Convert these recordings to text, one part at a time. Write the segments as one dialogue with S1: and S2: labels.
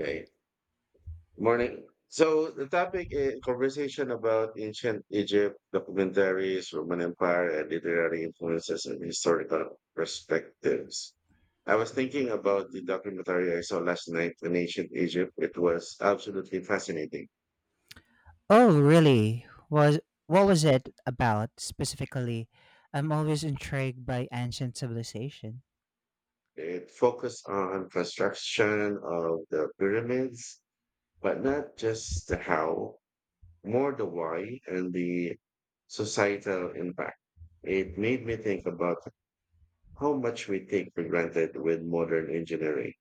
S1: Okay. Morning. So the topic is conversation about ancient Egypt, documentaries, Roman Empire, and literary influences and historical perspectives. I was thinking about the documentary I saw last night on ancient Egypt. It was absolutely fascinating.
S2: Oh, really? Was What was it about specifically? I'm always intrigued by ancient civilization.
S1: It focused on construction of the pyramids, but not just the how, more the why and the societal impact. It made me think about how much we take for granted with modern engineering.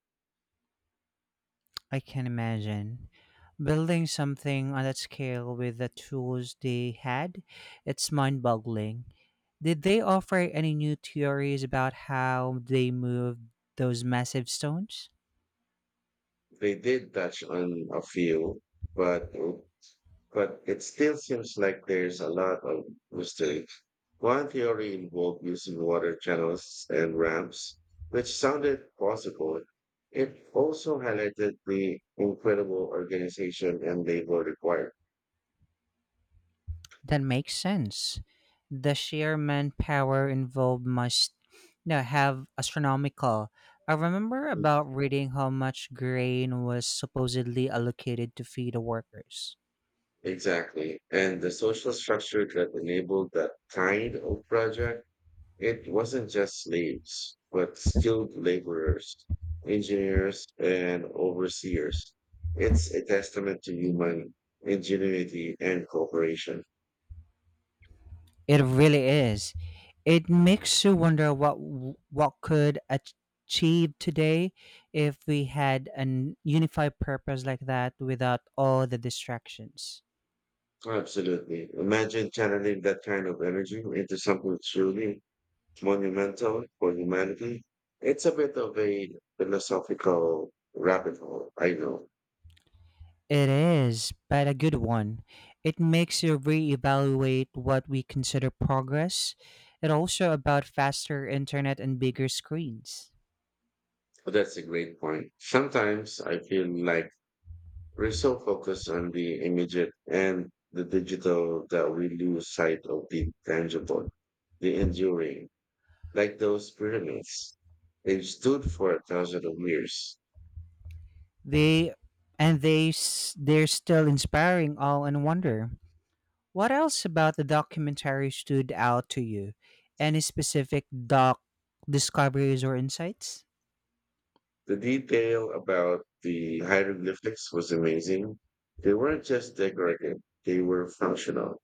S2: I can imagine building something on that scale with the tools they had. It's mind-boggling. Did they offer any new theories about how they moved those massive stones?
S1: They did touch on a few, but it still seems like there's a lot of mystery. One theory involved using water channels and ramps, which sounded possible. It also highlighted the incredible organization and labor required.
S2: That makes sense. The sheer manpower involved must have astronomical. I remember about reading how much grain was supposedly allocated to feed the workers.
S1: Exactly. And the social structure that enabled that kind of project. It wasn't just slaves, but skilled laborers, engineers, and overseers. It's a testament to human ingenuity and cooperation.
S2: It really is. It makes you wonder what achieve today if we had an unified purpose like that without all the distractions.
S1: Absolutely. Imagine channeling that kind of energy into something truly monumental for humanity. It's a bit of a philosophical rabbit hole, I know.
S2: It is, but a good one. It makes you reevaluate what we consider progress. It also about faster internet and bigger screens.
S1: But that's a great point. Sometimes I feel like we're so focused on the immediate and the digital that we lose sight of the tangible, the enduring, like those pyramids. They stood for a thousand of years.
S2: They they're still inspiring all and wonder. What else about the documentary stood out to you? Any specific doc discoveries or insights?
S1: The detail about the hieroglyphics was amazing. They weren't just decorative, they were functional,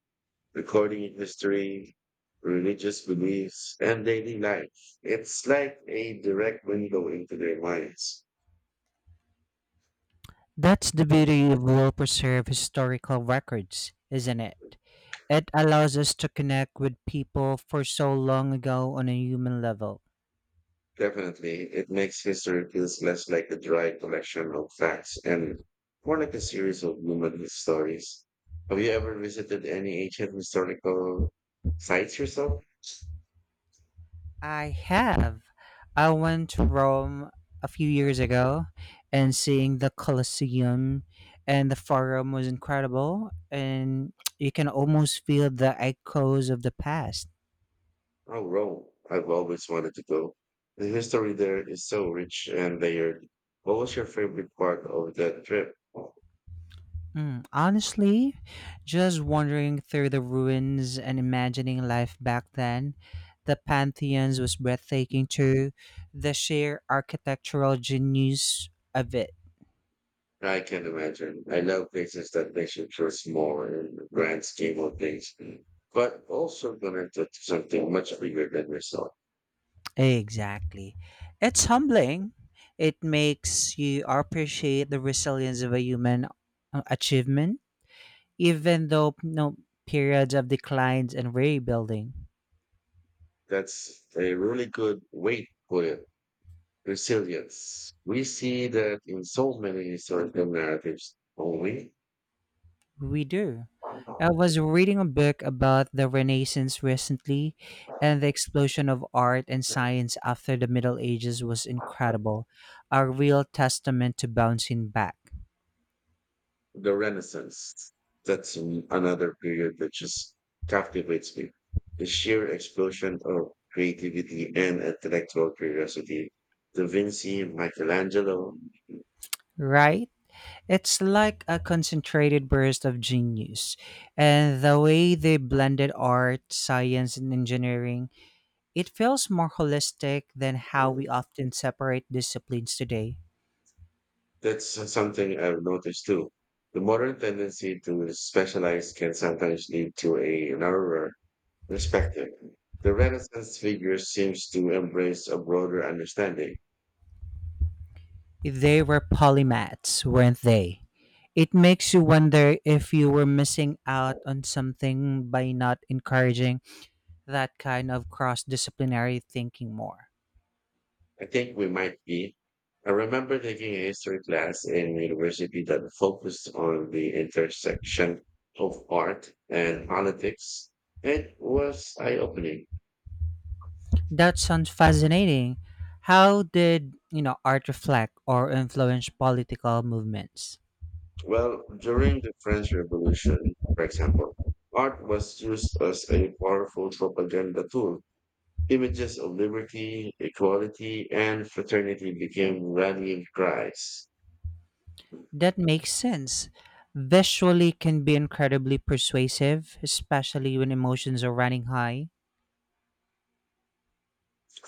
S1: recording history, religious beliefs, and daily life. It's like a direct window into their minds.
S2: That's the beauty of well-preserved historical records, isn't it? It allows us to connect with people for so long ago on a human level.
S1: Definitely, it makes history feels less like a dry collection of facts and more like a series of human stories. Have you ever visited any ancient historical sites yourself?
S2: I have. I went to Rome a few years ago and seeing the Colosseum and the Forum was incredible and you can almost feel the echoes of the past.
S1: Oh, Rome. I've always wanted to go. The history there is so rich and layered. What was your favorite part of that trip?
S2: Honestly, just wandering through the ruins and imagining life back then. The Pantheons was breathtaking too. The sheer architectural genius of it.
S1: I can imagine. I love places that makes you feel small in the grand scheme of things, but also connected to something much bigger than yourself.
S2: Exactly. It's humbling. It makes you appreciate the resilience of a human achievement, even though no periods of declines and rebuilding.
S1: That's a really good way to put it. Resilience. We see that in so many historical narratives only.
S2: We do. I was reading a book about the Renaissance recently, and the explosion of art and science after the Middle Ages was incredible, a real testament to bouncing back.
S1: The Renaissance. Another period that just captivates me. The sheer explosion of creativity and intellectual curiosity. Da Vinci, Michelangelo.
S2: Right? It's like a concentrated burst of genius. And the way they blended art, science, and engineering, it feels more holistic than how we often separate disciplines today.
S1: That's something I've noticed too. The modern tendency to specialize can sometimes lead to a narrower perspective. The Renaissance figure seems to embrace a broader understanding.
S2: They were polymaths, weren't they? It makes you wonder if you were missing out on something by not encouraging that kind of cross disciplinary thinking more.
S1: I think we might be. I remember taking a history class in university that focused on the intersection of art and politics. It was eye opening.
S2: That sounds fascinating. How did, you know, art reflect or influence political movements?
S1: Well, during the French Revolution, for example, art was used as a powerful propaganda tool. Images of liberty, equality, and fraternity became rallying cries.
S2: That makes sense. Visually can be incredibly persuasive, especially when emotions are running high.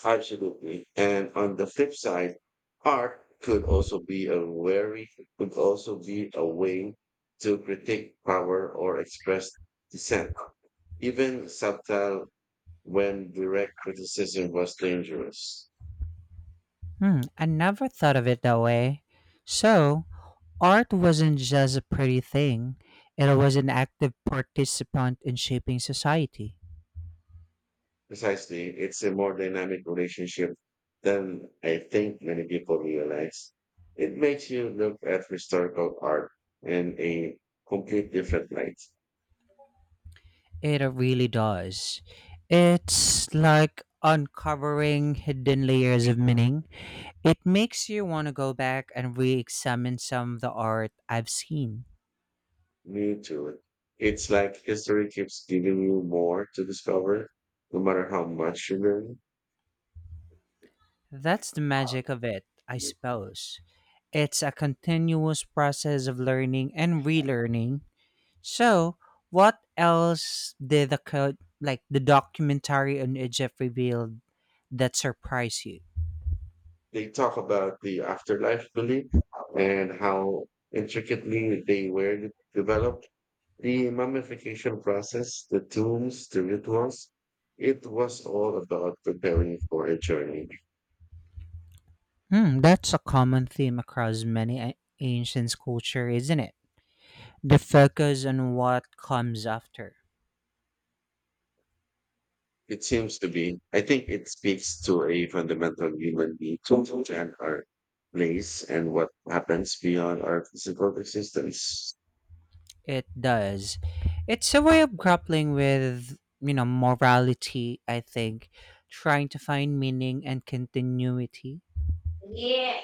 S1: Absolutely. And on the flip side, art very could also be a way to critique power or express dissent, even subtle, when direct criticism was dangerous.
S2: Hmm, I never thought of it that way. So, art wasn't just a pretty thing, it was an active participant in shaping society.
S1: Precisely, it's a more dynamic relationship than I think many people realize. It makes you look at historical art in a complete different light.
S2: It really does. It's like uncovering hidden layers of meaning. It makes you want to go back and re examine some of the art I've seen.
S1: Me too. It's like history keeps giving you more to discover, no matter how much you learn.
S2: That's the magic of it, I suppose. It's a continuous process of learning and relearning. So, what else did like the documentary on Egypt reveal that surprised you?
S1: They talk about the afterlife belief and how intricately they were developed, the mummification process, the tombs, the rituals. It was all about preparing for a journey.
S2: Hmm, that's a common theme across many ancient culture, isn't it? The focus on what comes after.
S1: It seems to be. I think it speaks to a fundamental human need to understand our place and what happens beyond our physical existence.
S2: It does. It's a way of grappling with, you know, morality, I think, trying to find meaning and continuity.
S1: Yeah.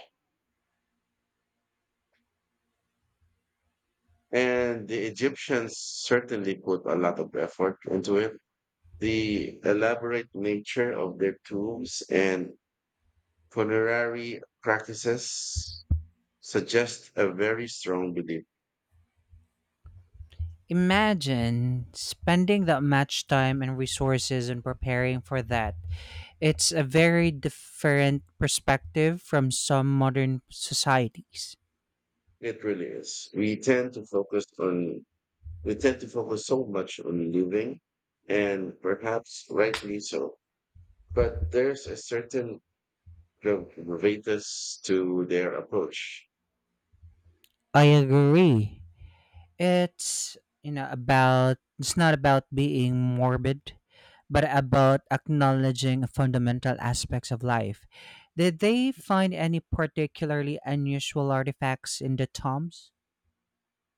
S1: And the Egyptians certainly put a lot of effort into it. The elaborate nature of their tombs and funerary practices suggest a very strong belief.
S2: Imagine spending that much time and resources and preparing for that. It's a very different perspective from some modern societies.
S1: It really is. We tend to focus so much on living, and perhaps rightly so. But there's a certain gravitas to their approach.
S2: I agree. It's you know about it's not about being morbid, but about acknowledging fundamental aspects of life. Did they find any particularly unusual artifacts in the tombs?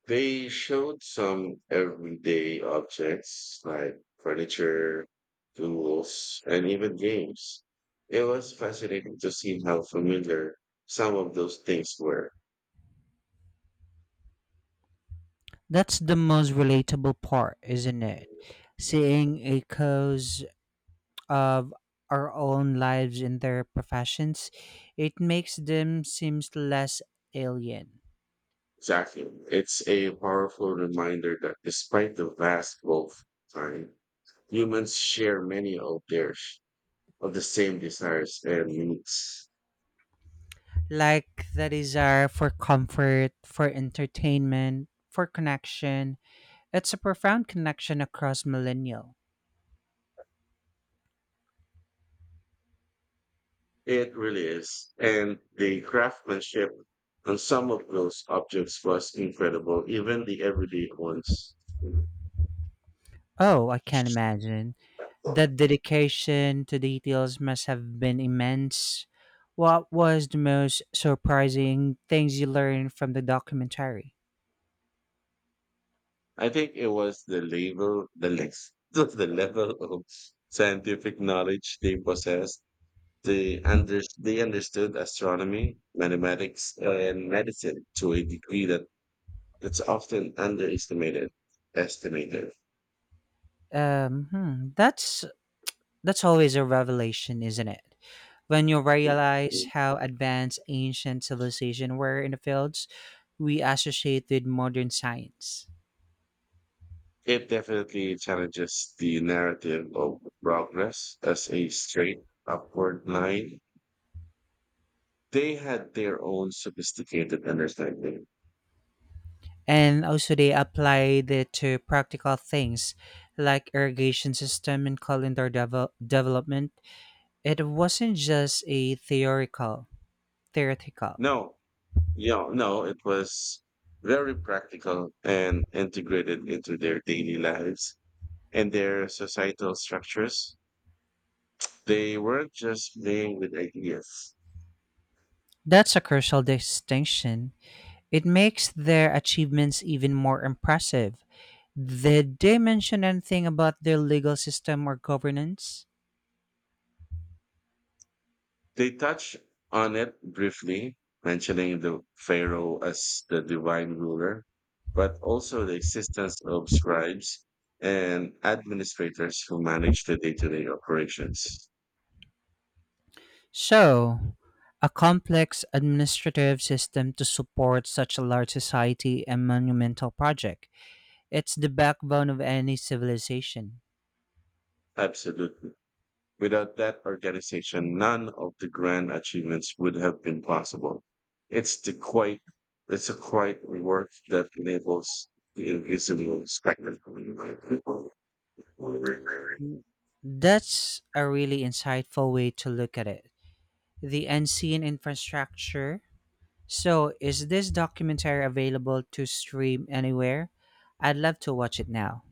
S1: They showed some everyday objects like furniture, tools, and even games. It was fascinating to see how familiar some of those things were.
S2: That's the most relatable part, isn't it? Seeing echoes of our own lives in their professions, it makes them seems less alien.
S1: Exactly. It's a powerful reminder that despite the vast wealth of time, humans share many of their of the same desires and needs.
S2: Like the desire for comfort, for entertainment, for connection. It's a profound connection across millennial.
S1: It really is. And the craftsmanship on some of those objects was incredible, even the everyday ones.
S2: Oh, I can't imagine. That dedication to details must have been immense. What was the most surprising things you learned from the documentary?
S1: I think it was the level, the lex, the level of scientific knowledge they possessed. They understood astronomy, mathematics, and medicine to a degree that it's often underestimated. Estimated.
S2: That's always a revelation, isn't it? When you realize how advanced ancient civilization were in the fields we associate with modern science.
S1: It definitely challenges the narrative of progress as a straight upward line. They had their own sophisticated understanding.
S2: And also they applied it to practical things like irrigation system and development. It wasn't just a theoretical.
S1: No, yeah, no, it was very practical and integrated into their daily lives and their societal structures. They weren't just playing with ideas.
S2: That's a crucial distinction. It makes their achievements even more impressive. Did they mention anything about their legal system or governance?
S1: They touch on it briefly, mentioning the pharaoh as the divine ruler, but also the existence of scribes and administrators who manage the day to day operations.
S2: So, a complex administrative system to support such a large society and monumental project. It's the backbone of any civilization.
S1: Absolutely. Without that organization, none of the grand achievements would have been possible. It's the quite It's a quiet work that enables the invisible spectacle.
S2: That's a really insightful way to look at it. The unseen infrastructure. So, is this documentary available to stream anywhere? I'd love to watch it now.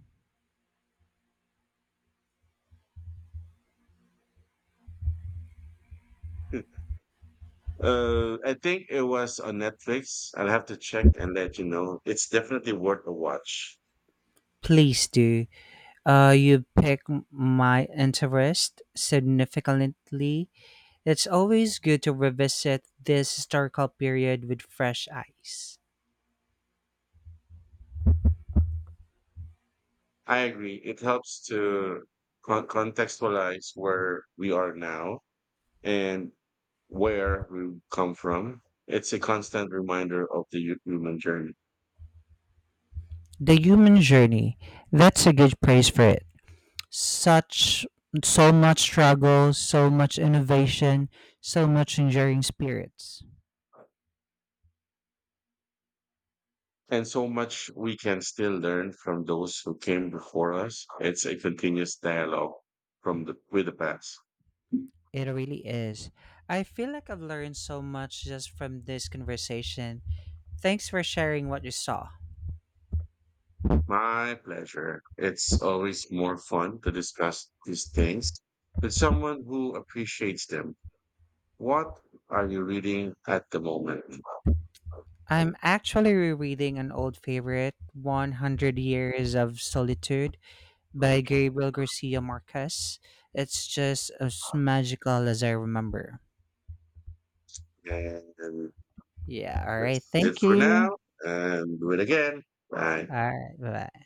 S1: I think it was on Netflix. I'll have to check and let you know. It's definitely worth a watch.
S2: Please do. You my interest significantly. It's always good to revisit this historical period with fresh eyes.
S1: I agree. It helps to contextualize where we are now and where we come from. It's a constant reminder of the human journey.
S2: The human journey. That's a good praise for it. Such So much struggle, so much innovation, so much enduring spirits.
S1: And so much we can still learn from those who came before us. It's a continuous dialogue from the with the past.
S2: It really is. I feel like I've learned so much just from this conversation. Thanks for sharing what you saw.
S1: My pleasure. It's always more fun to discuss these things with someone who appreciates them. What are you reading at the moment?
S2: I'm actually rereading an old favorite, 100 Years of Solitude by Gabriel Garcia Marquez. It's just as magical as I remember.
S1: And
S2: Yeah, all right.
S1: that's it
S2: Thank
S1: for now.
S2: you.
S1: And do it again. Bye.
S2: All right. Bye.